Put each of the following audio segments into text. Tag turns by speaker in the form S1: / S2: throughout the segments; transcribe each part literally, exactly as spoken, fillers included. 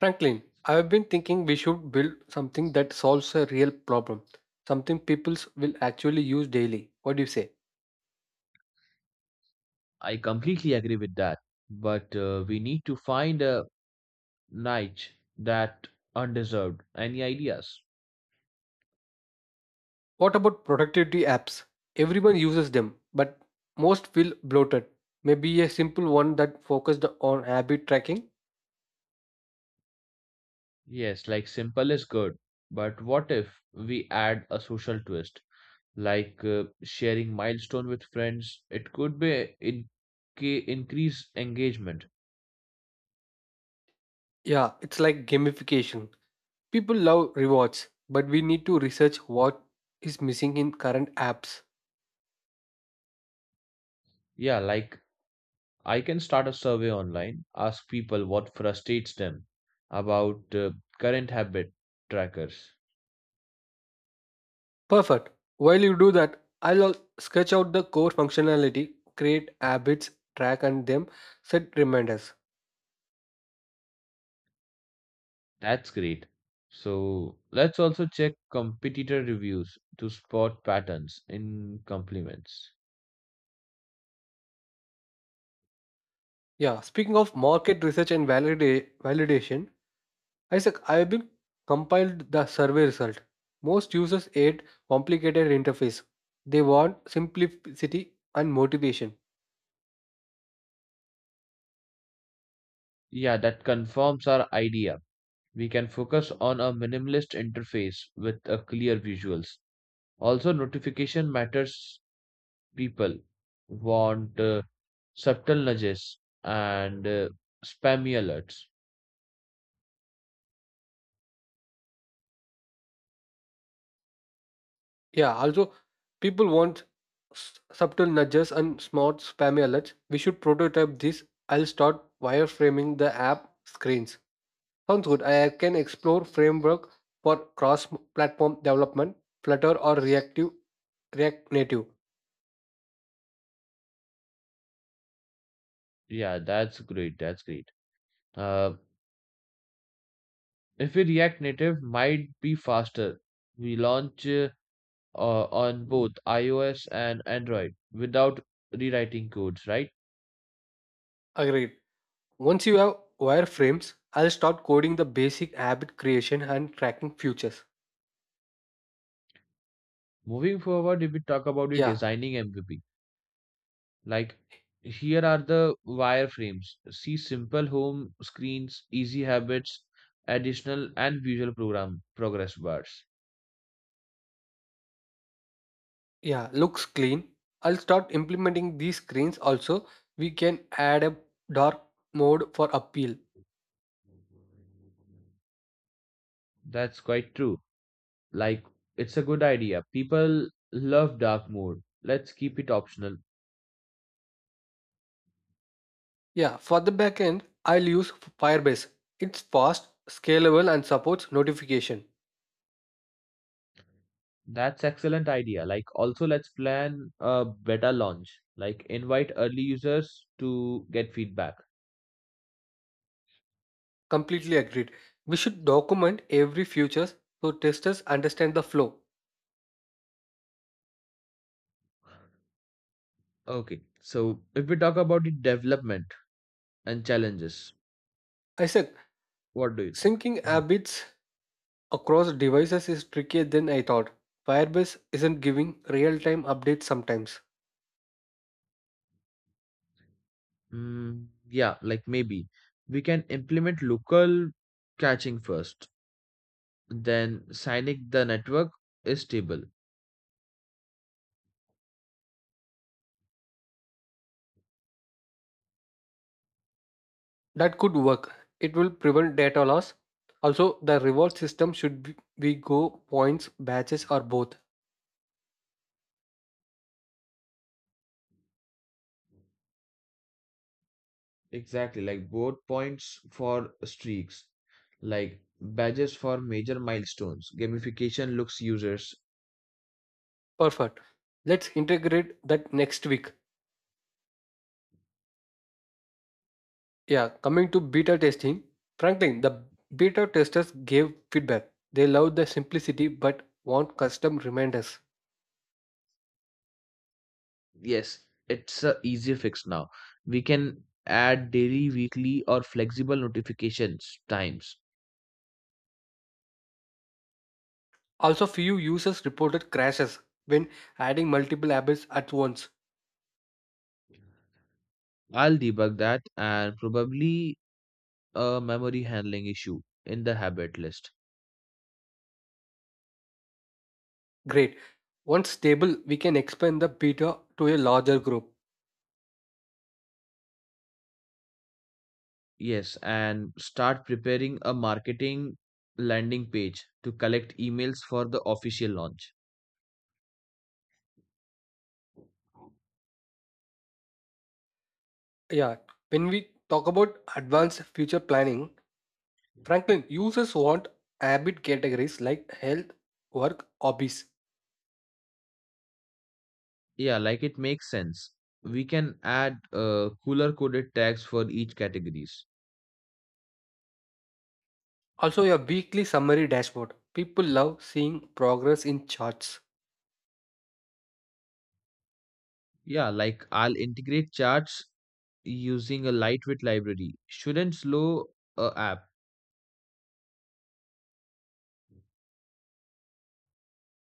S1: Franklin, I've been thinking we should build something that solves a real problem, something people will actually use daily. What do you say?
S2: I completely agree with that. But uh, we need to find a niche that undeserved. Any ideas?
S1: What about productivity apps? Everyone uses them, but most feel bloated. Maybe a simple one that focused on habit tracking?
S2: Yes, like simple is good. But what if we add a social twist, like uh, sharing milestone with friends? It could be in increase engagement.
S1: Yeah, it's like gamification. People love rewards, but we need to research what is missing in current apps.
S2: Yeah, like I can start a survey online, ask people what frustrates them about uh, current habit trackers.
S1: Perfect. While you do that, I'll al- sketch out the core functionality, create habits, track and them, set reminders.
S2: That's great. So let's also check competitor reviews to spot patterns in complements.
S1: Yeah, speaking of market research and valida- validation, Isaac, I have been compiled the survey result. Most users hate complicated interface. They want simplicity and motivation.
S2: Yeah, that confirms our idea. We can focus on a minimalist interface with a clear visuals. Also, notification matters. People want uh, subtle nudges and uh, spammy alerts.
S1: Yeah, also people want s- subtle nudges and smart spammy alerts. We should prototype this. I'll start wireframing the app screens. Sounds good. I can explore framework for cross-platform development, Flutter or Reactive, React Native.
S2: Yeah, that's great. That's great. Uh, if we React Native might be faster. We launch. Uh, uh, On both iOS and Android without rewriting codes, right?
S1: Agreed. Once you have wireframes, I'll start coding the basic habit creation and tracking futures.
S2: Moving forward, if we talk about the
S1: Yeah,
S2: designing M V P, like here are the wireframes. See simple home screens, easy habits, additional and visual program progress bars.
S1: yeah, looks clean. I'll start implementing these screens also. We can add a dark mode for appeal.
S2: That's quite true. Like it's a good idea. People love dark mode. Let's keep it optional.
S1: Yeah, for the backend, I'll use Firebase. It's fast, scalable, and supports notification.
S2: That's excellent idea. Like also let's plan a beta launch. Like invite early users to get feedback.
S1: Completely agreed. We should document every feature so testers understand the flow.
S2: Okay. So if we talk about the development and challenges,
S1: Isaac,
S2: what do you think?
S1: syncing
S2: Mhm.
S1: habits across devices is trickier than I thought. Firebase isn't giving real-time updates sometimes.
S2: Mm, yeah, like maybe we can implement local caching first, then signing the network is stable.
S1: That could work. It will prevent data loss. Also, the reward system should be be go points, batches, or both.
S2: Exactly, like both points for streaks, like badges for major milestones. Gamification looks users.
S1: Perfect. Let's integrate that next week. Yeah, coming to beta testing, Franklin, the beta testers gave feedback. They loved the simplicity but want custom reminders.
S2: Yes, it's a easy fix now. We can add daily, weekly, or flexible notifications times.
S1: Also, few users reported crashes when adding multiple apples at once.
S2: I'll debug that and probably a memory handling issue in the habit list.
S1: Great. Once stable, we can expand the beta to a larger group.
S2: Yes, and start preparing a marketing landing page to collect emails for the official launch.
S1: Yeah, when we talk about advanced future planning, Franklin, users want habit categories like health, work, hobbies.
S2: Yeah, like it makes sense. We can add uh, cooler coded tags for each categories.
S1: Also, a weekly summary dashboard. People love seeing progress in charts.
S2: Yeah, like I'll integrate charts using a lightweight library. Shouldn't slow a app.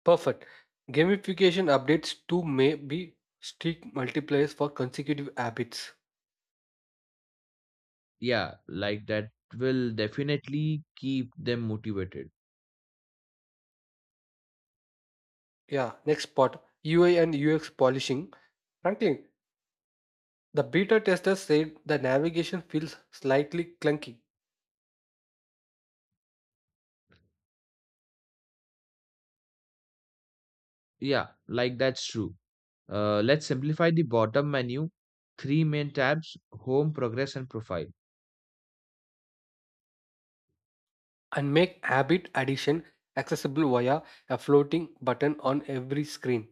S1: Perfect. Gamification updates too may be strict multipliers for consecutive habits.
S2: Yeah, like that will definitely keep them motivated.
S1: Yeah, next part U I and U X polishing. Frankly, the beta testers said the navigation feels slightly clunky
S2: Yeah, like that's true. Uh, let's simplify the bottom menu. Three main tabs, home, progress, and profile.
S1: and make habit addition accessible via a floating button on every screen.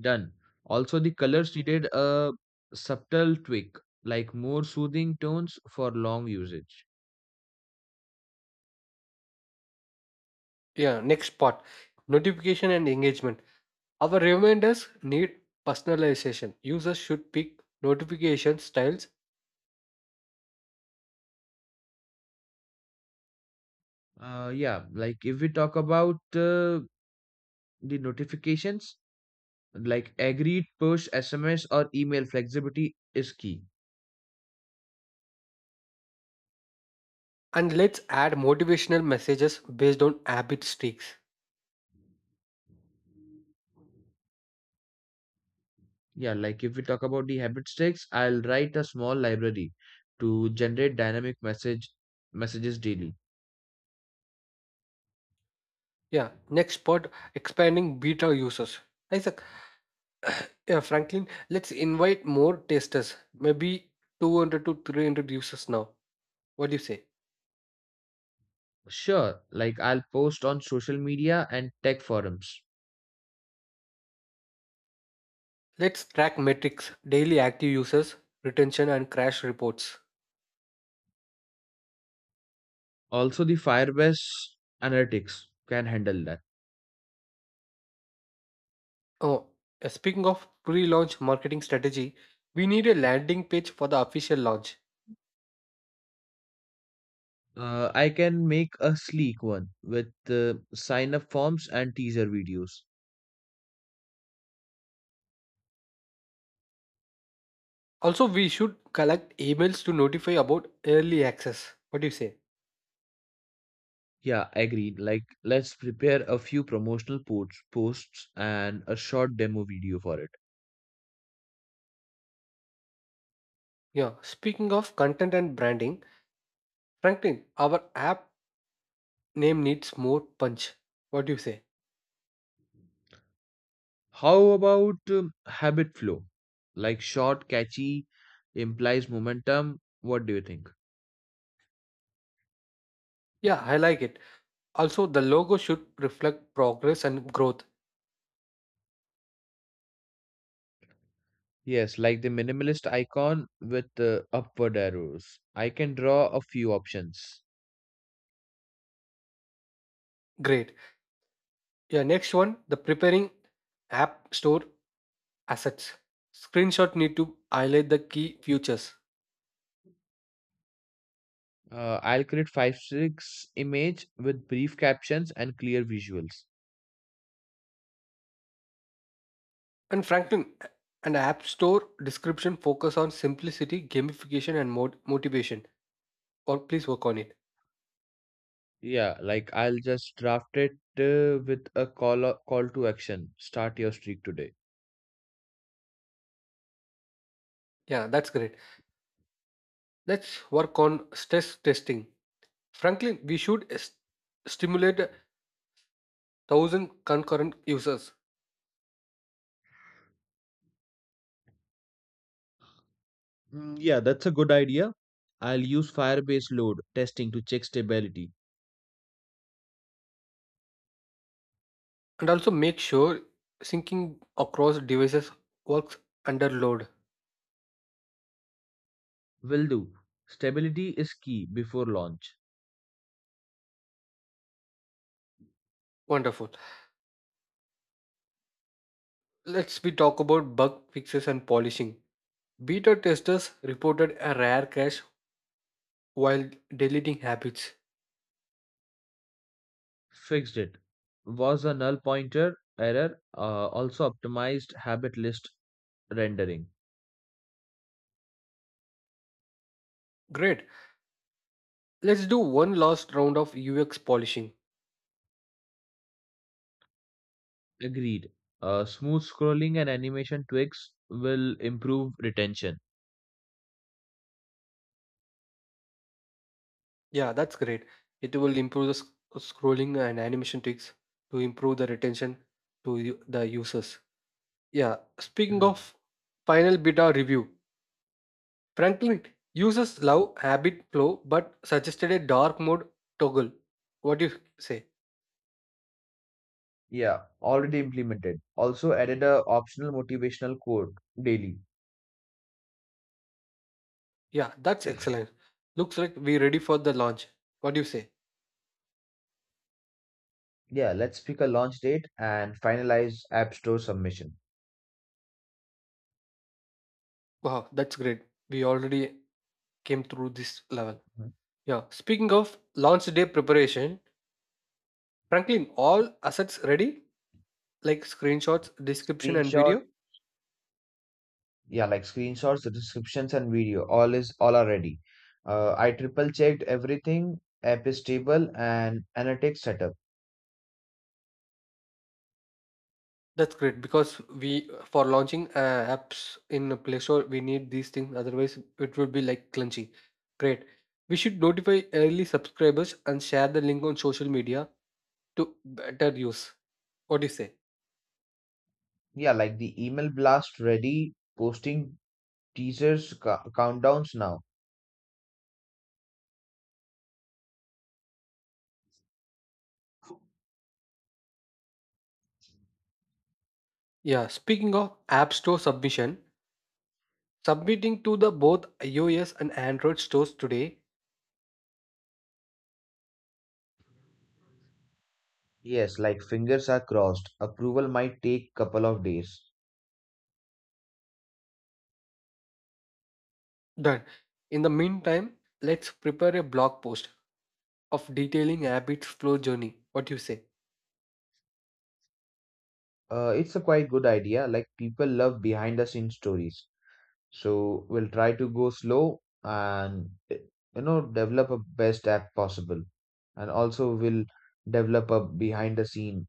S2: Done. Also, the colors needed a subtle tweak, like more soothing tones for long usage.
S1: Yeah, next part notification and engagement. Our reminders need personalization. Users should pick notification styles
S2: Uh, yeah, like if we talk about uh, the notifications, like agreed push sms or email flexibility is key.
S1: and let's add motivational messages based on habit streaks.
S2: Yeah, like if we talk about the habit sticks, I'll write a small library to generate dynamic message messages daily.
S1: Yeah, next part expanding beta users. Isaac, yeah, Franklin, let's invite more testers, maybe two hundred to three hundred users now. What do you say?
S2: Sure, like I'll post on social media and tech forums.
S1: Let's track metrics, daily active users, retention, and crash reports.
S2: Also the firebase analytics can handle that.
S1: Oh, uh, speaking of pre launch marketing strategy, we need a landing page for the official launch.
S2: uh, I can make a sleek one with uh, sign up forms and teaser videos.
S1: Also, we should collect emails to notify about early access. What do you say?
S2: Yeah, agreed. Like, let's prepare a few promotional posts, posts and a short demo video for it.
S1: Yeah. Speaking of content and branding, Franklin, our app name needs more punch. What do you say?
S2: How about um, habit flow? Like, short, catchy, implies momentum. What do you think?
S1: Yeah, I like it. Also, the logo should reflect progress and growth.
S2: Yes, like the minimalist icon with the upward arrows. I can draw a few options.
S1: Great. Yeah, next one, the preparing app store assets. Screenshot need to highlight the key features.
S2: Uh, I'll create five six image with brief captions and clear visuals.
S1: And Franklin, an app store description focus on simplicity, gamification, and mod- motivation. Or please work on it.
S2: Yeah, like I'll just draft it uh, with a call o- call to action. Start your streak today.
S1: Yeah, that's great. Let's work on stress testing. Frankly, we should s- stimulate a thousand concurrent users
S2: Mm, yeah, that's a good idea. I'll use Firebase load testing to check stability.
S1: and also make sure syncing across devices works under load.
S2: Will do. Stability is key before launch.
S1: Wonderful. Let's be talk about bug fixes and polishing. Beta testers reported a rare crash while deleting habits.
S2: Fixed it. Was a null pointer error. Uh, also optimized habit list rendering.
S1: Great. Let's do one last round of U X polishing.
S2: Agreed. Uh, smooth scrolling and animation tweaks will improve retention.
S1: Yeah, that's great. It will improve the sc- scrolling and animation tricks to improve the retention to u- the users. Yeah, speaking
S2: Mhm.
S1: of final beta review, Franklin users love habit flow but suggested a dark mode toggle. What do you say?
S2: Yeah, already implemented. Also added a optional motivational quote daily.
S1: Yeah, that's excellent. Looks like we're ready for the launch. What do you say?
S2: Yeah, let's pick a launch date and finalize App Store submission.
S1: Wow, that's great. We already came through this level.
S2: Mhm.
S1: Yeah, speaking of launch day preparation, Franklin, all assets ready? Like screenshots, description, and
S2: Screenshot,
S1: video?
S2: yeah, like screenshots, the descriptions, and video. All is all are ready. Uh, I triple checked everything. App is stable and analytics setup.
S1: That's great because we for launching uh, apps in a Play Store, we need these things. Otherwise, it would be like clunky. Great. We should notify early subscribers and share the link on social media to better use. What do you say?
S2: Yeah, like the email blast ready. Posting teasers, ca- countdowns now.
S1: Yeah, speaking of App Store submission, submitting to the both iOS and Android stores today.
S2: Yes, like fingers are crossed. Approval might take couple of days.
S1: Done. In the meantime, let's prepare a blog post of detailing Abbit's flow journey. What do you say?
S2: Uh, it's a quite good idea. Like people love behind the scenes stories. So we'll try to go slow and eh, you know develop a best app possible. And also we'll develop a behind the scene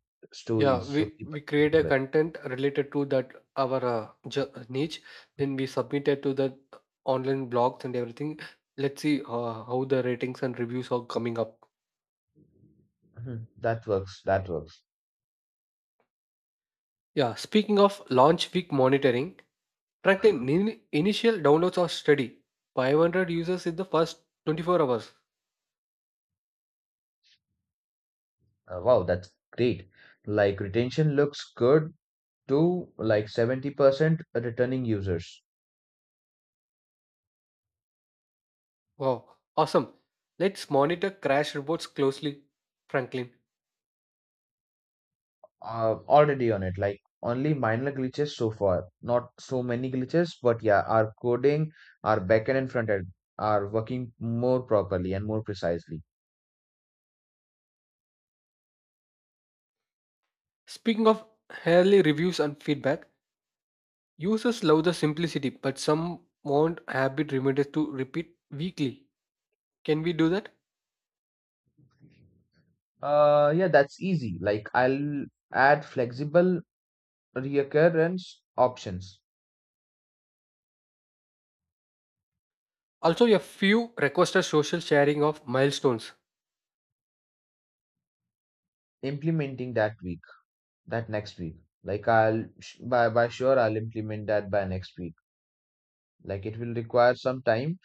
S1: Yeah,
S2: stories so
S1: we
S2: people
S1: we
S2: can
S1: create a
S2: love it.
S1: content related to that our uh, jo- niche. Then we submit it to the online blogs and everything. Let's see uh, how the ratings and reviews are coming up.
S2: Mhm. That works. That works.
S1: Yeah, speaking of launch week monitoring, Franklin, nin- initial downloads are steady. five hundred users in the first twenty-four hours.
S2: Uh, wow, that's great. Like retention looks good too, like seventy percent returning users.
S1: Wow, awesome. Let's monitor crash reports closely, Franklin.
S2: Uh, already on it. Like only minor glitches so far, not so many glitches, but yeah, our coding, our backend and front end are working more properly and more precisely.
S1: Speaking of early reviews and feedback, users love the simplicity, but some want habit reminders to repeat weekly. Can we do that?
S2: Uh, yeah, that's easy. Like I'll add flexible recurrence options,
S1: Also, a few requested social sharing of milestones.
S2: implementing that week, that next week. Like I'll sh- by by sure I'll implement that by next week. Like it will require some time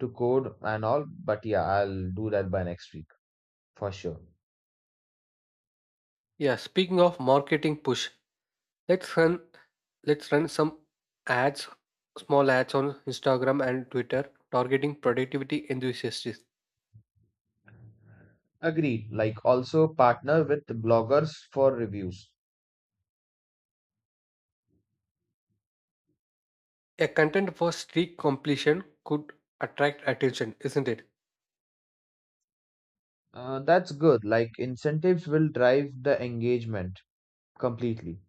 S2: to code and all, but yeah, I'll do that by next week for sure.
S1: Yeah, speaking of marketing push, let's run let's run some ads, small ads on Instagram and Twitter targeting productivity enthusiasts.
S2: Agreed. Like also partner with bloggers for reviews.
S1: A content for streak completion could attract attention, isn't it?
S2: Uh, that's good. Like incentives will drive the engagement completely.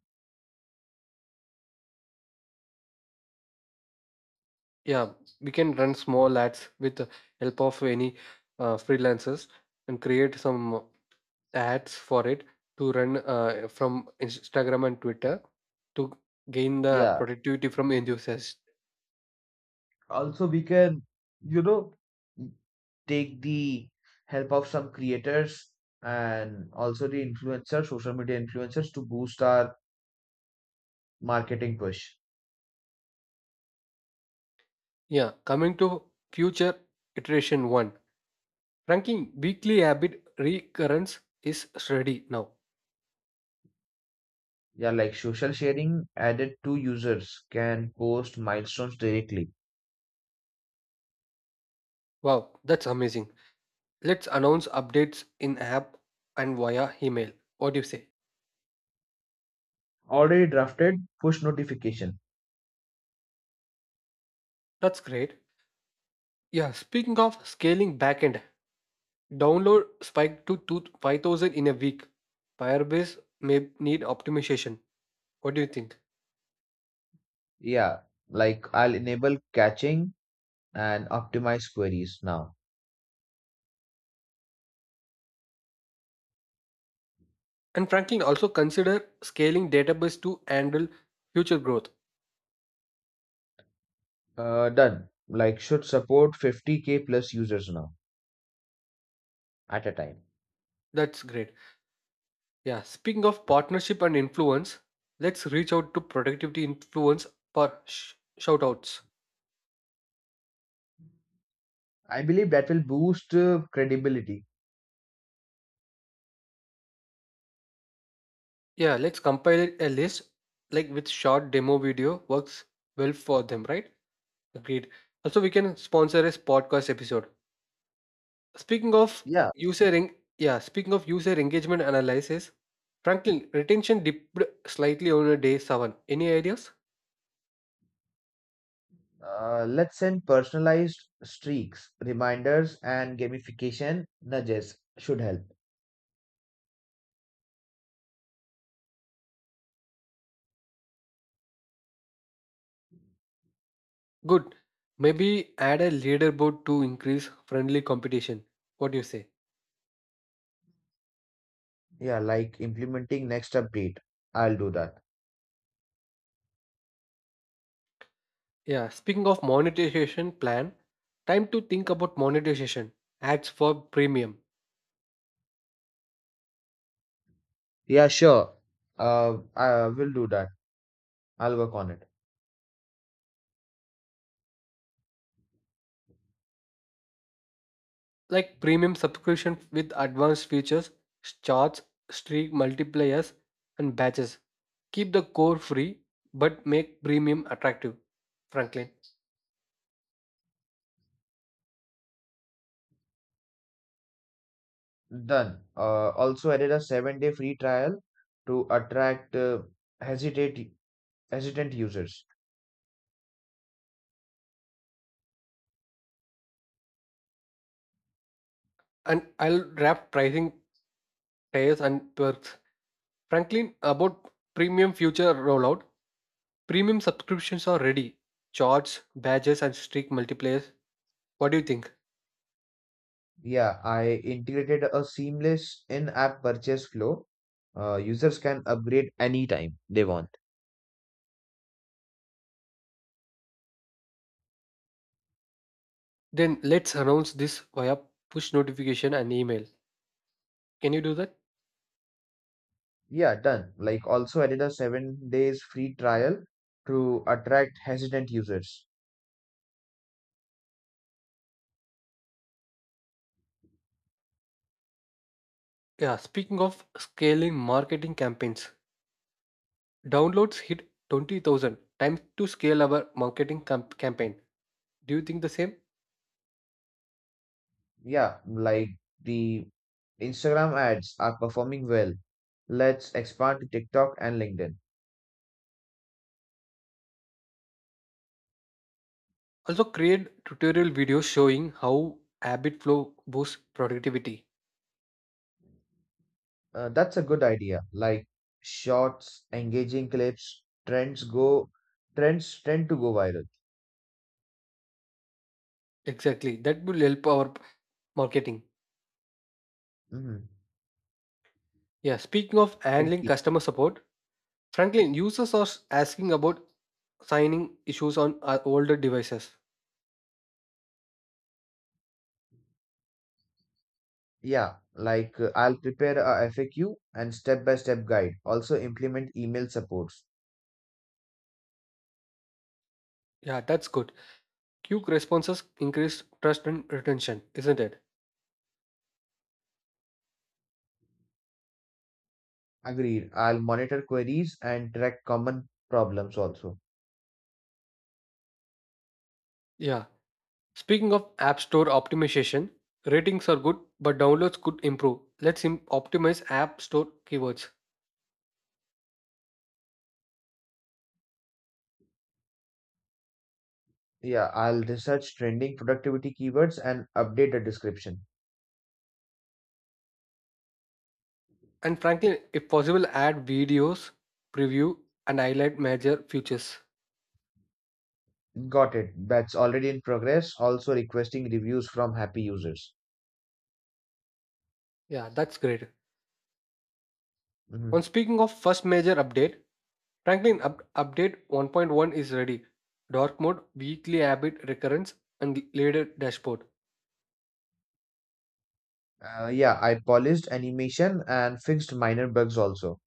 S1: Yeah, we can run small ads with the help of any uh, freelancers and create some ads for it to run uh, from Instagram and Twitter to gain the
S2: Yeah.
S1: productivity from enthusiasts.
S2: Also, we can, you know, take the help of some creators and also the influencers, social media influencers to boost our marketing push.
S1: Yeah, coming to future iteration one. Ranking weekly habit recurrence is ready now.
S2: Yeah, like social sharing added to users can post milestones directly.
S1: Wow, that's amazing. Let's announce updates in app and via email. What do you say?
S2: Already drafted push notification.
S1: That's great. Yeah, speaking of scaling backend, download spiked to two- five thousand in a week. Firebase may need optimization. What do you think?
S2: Yeah, like I'll enable caching and optimize queries now.
S1: And Franklin also consider scaling database to handle future growth.
S2: Uh, done. Like should support fifty k plus users now at a time.
S1: That's great. Yeah, speaking of partnership and influence, let's reach out to productivity influence for sh- shoutouts.
S2: I believe that will boost uh, credibility.
S1: Yeah, let's compile a list like with short demo video works well for them, right? Agreed. Also, we can sponsor a podcast episode. Speaking of
S2: Yeah.
S1: user en- Yeah, speaking of user engagement analysis, Franklin retention dipped slightly on a day seven. Any ideas?
S2: Uh, let's send personalized streaks, reminders, and gamification nudges should help.
S1: Good. Maybe add a leaderboard to increase friendly competition. What do you say?
S2: Yeah, like implementing next update. I'll do that.
S1: Yeah, speaking of monetization plan, time to think about monetization. Ads for premium,
S2: Yeah, sure. Uh, I will do that. I'll work on it.
S1: like premium subscription with advanced features, charts, streak multipliers, and batches. Keep the core free, but make premium attractive, Franklin.
S2: Done. Uh, also added a seven day free trial to attract uh, hesitate hesitant users.
S1: And I'll wrap pricing tiers and perks. Franklin, about premium future rollout. Premium subscriptions are ready. Charts, badges, and streak multipliers. What do you think?
S2: Yeah, I integrated a seamless in-app purchase flow. Uh, users can upgrade anytime they want.
S1: Then let's announce this via push notification and email. Can you do that?
S2: Yeah, done. Like also added a seven days free trial to attract hesitant users.
S1: Yeah, speaking of scaling marketing campaigns, downloads hit twenty thousand. Time to scale our marketing camp- campaign. Do you think the same?
S2: Yeah, like the Instagram ads are performing well. Let's expand to TikTok and LinkedIn.
S1: Also, create tutorial videos showing how HabitFlow boosts productivity.
S2: Uh, that's a good idea. Like shorts, engaging clips, trends go, trends tend to go viral.
S1: Exactly, that will help our marketing.
S2: Mm-hmm.
S1: Yeah, speaking of handling
S2: Exactly.
S1: customer support, Franklin, users are asking about signing issues on uh, older devices.
S2: Yeah, like uh, I'll prepare a F A Q and step-by-step guide. Also implement email supports.
S1: Yeah, that's good. Quick responses increase trust and retention, isn't it?
S2: Agreed. I'll monitor queries and track common problems also.
S1: Yeah. Speaking of App Store optimization, ratings are good, but downloads could improve. Let's im- optimize App Store keywords.
S2: Yeah, I'll research trending productivity keywords and update the description.
S1: And frankly, if possible, add videos, preview, and highlight major features.
S2: Got it. That's already in progress. Also requesting reviews from happy users.
S1: Yeah, that's great.
S2: Mhm.
S1: On speaking of first major update, Franklin, up- update one point one is ready. Dark mode, weekly habit recurrence, and later dashboard.
S2: Uh, yeah, I polished animation and fixed minor bugs also.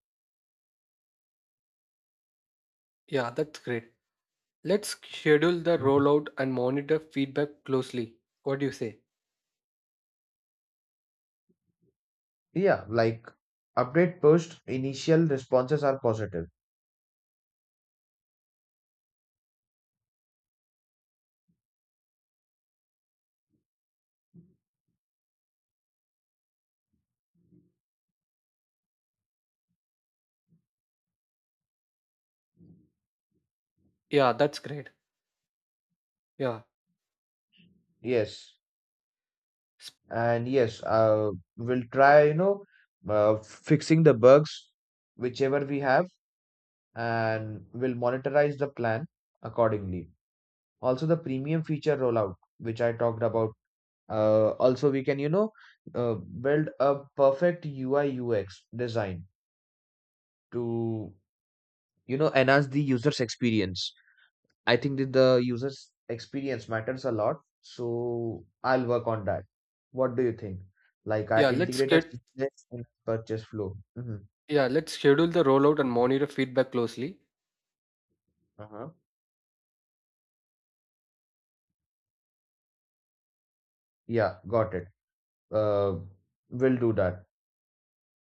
S1: Yeah, that's great. Let's schedule the
S2: Mhm.
S1: rollout and monitor feedback closely. What do you say?
S2: Yeah, like update pushed, initial responses are positive.
S1: Yeah, that's great. Yeah.
S2: Yes,
S1: S-
S2: and yes, uh, we'll try, you know, uh, fixing the bugs, whichever we have, and we'll monitorize the plan accordingly. Also, the premium feature rollout, which I talked about. Uh, also, we can, you know, uh, build a perfect U I U X design to you know enhance the user's experience. I think that the user's experience matters a lot, so I'll work on that. What do you think? Like I
S1: Yeah, let's
S2: integrate a
S1: get
S2: seamless in purchase flow. Hmm.
S1: yeah, let's schedule the rollout and monitor feedback closely.
S2: Uh-huh. Yeah, got it. uh will do that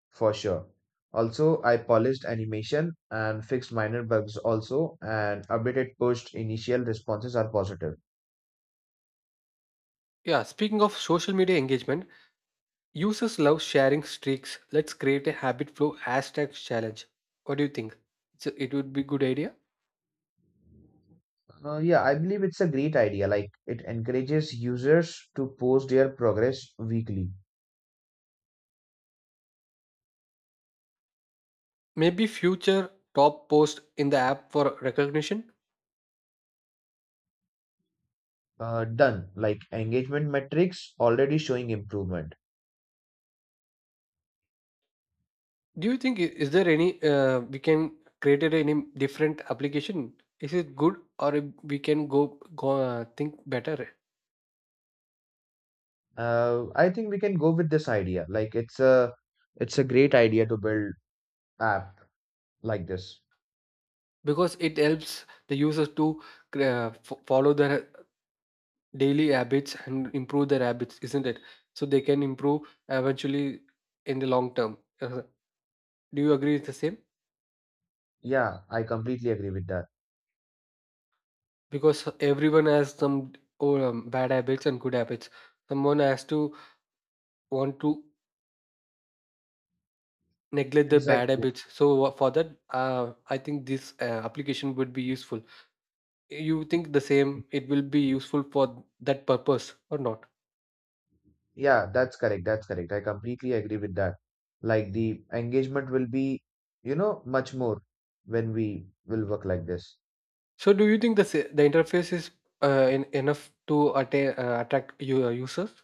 S2: for sure. Also I polished animation and fixed minor bugs also, and updated pushed initial responses are positive.
S1: Yeah, speaking of social media engagement, users love sharing streaks. Let's create a habit flow hashtag challenge. What do you think? So it would be good idea?
S2: Uh, yeah, I believe it's a great idea. Like it encourages users to post their progress weekly.
S1: Maybe future top post in the app for recognition.
S2: Uh, done. Like engagement metrics already showing improvement.
S1: Do you think i- is there any uh, we can create it any different application, is it good or if we can go go uh, think better?
S2: Uh, I think we can go with this idea. Like it's a it's a great idea to build app like this.
S1: Because it helps the users to uh, f- follow their daily habits and improve their habits, isn't it? So they can improve eventually in the long term. Uh, do you agree with the same?
S2: Yeah, I completely agree with that.
S1: Because everyone has some oh, um, bad habits and good habits. Someone has to want to neglect the bad
S2: Exactly.
S1: habits, so uh, for that uh, I think this uh, application would be useful. You think the same, it will be useful for that purpose or not?
S2: Yeah, that's correct. That's correct. I completely agree with that. Like the engagement will be, you know, much more when we will work like this.
S1: So do you think the sa- the interface is uh, in, enough to atta- uh, attract your users?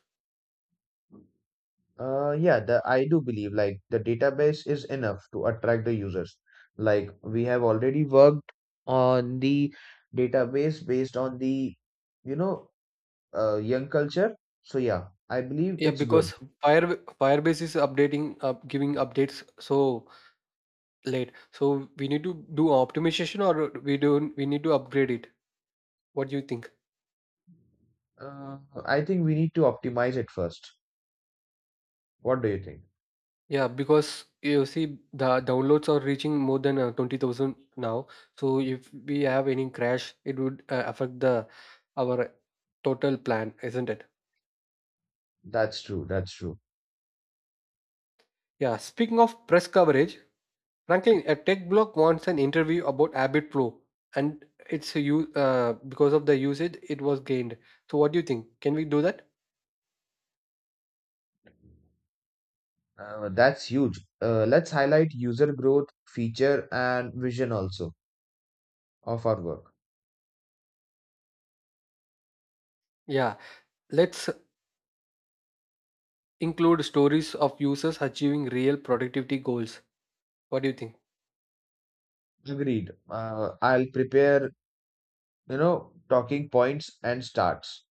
S2: Uh, yeah, the I do believe like the database is enough to attract the users. Like we have already worked on the database based on the you know uh, young culture. So yeah, I believe
S1: Yeah,
S2: it's good.
S1: because fire firebase is updating, uh, giving updates so late, so we need to do optimization or we don't, we need to upgrade it, what do you think?
S2: Uh, I think we need to optimize it first. What do you think?
S1: Yeah, because you see, the downloads are reaching more than uh, twenty thousand now. So if we have any crash, it would uh, affect the our total plan, isn't it?
S2: That's true. That's true.
S1: Yeah, speaking of press coverage, Franklin, a tech blog wants an interview about Abbott Pro and it's you uh, because of the usage it was gained. So what do you think? Can we do that?
S2: Uh, that's huge. Uh, let's highlight user growth, feature, and vision also of our work.
S1: Yeah, let's include stories of users achieving real productivity goals. What do you think?
S2: Agreed. Uh, I'll prepare you know, talking points and starts.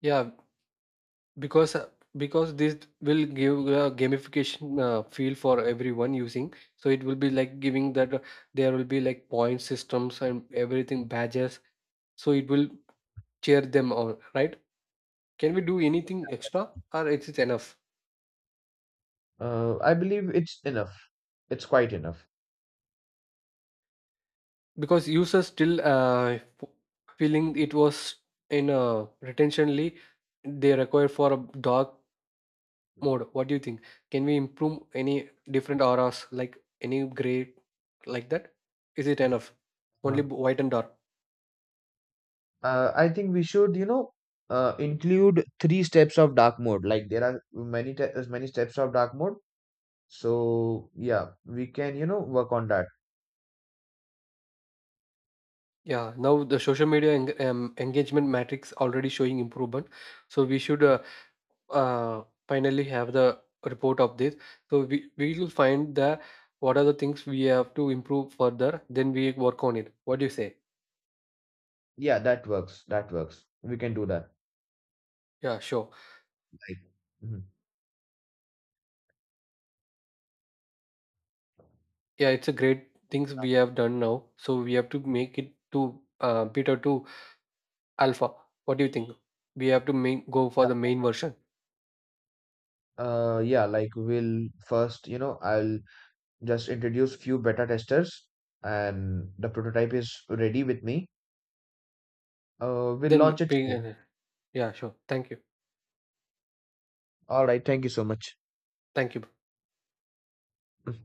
S1: Yeah, because uh, because this will give a gamification uh, feel for everyone using, so it will be like giving that uh, there will be like point systems and everything badges, so it will cheer them on right? Can we do anything extra or is it enough?
S2: Uh, I believe it's enough. It's quite enough.
S1: Because users still uh, f- feeling it was in a retentionally, they require for a dog mode, what do you think? Can we improve any different auras like any gray like that, is it enough only
S2: Uh,
S1: b- white and dark?
S2: uh, I think we should, you know, uh, include three steps of dark mode. Like there are many te- as many steps of dark mode. So yeah, we can, you know, work on that.
S1: Yeah, now the social media eng- um, engagement matrix already showing improvement, so we should uh, uh, finally have the report of this, so we we will find the what are the things we have to improve further, then we work on it, what do you say?
S2: Yeah, that works. That works. We can do that.
S1: Yeah, sure.
S2: Like, mhm.
S1: Yeah, it's a great things we have done now, so we have to make it to uh, better to Alpha. What do you think? We have to main, go for the main version.
S2: Uh, yeah, like we'll first, you know, I'll just introduce few beta testers, and the prototype is ready with me. Uh, we'll launch
S1: Then
S2: it soon.
S1: we, yeah, sure. Thank you.
S2: All right. Thank you so much.
S1: Thank you.
S2: Mm.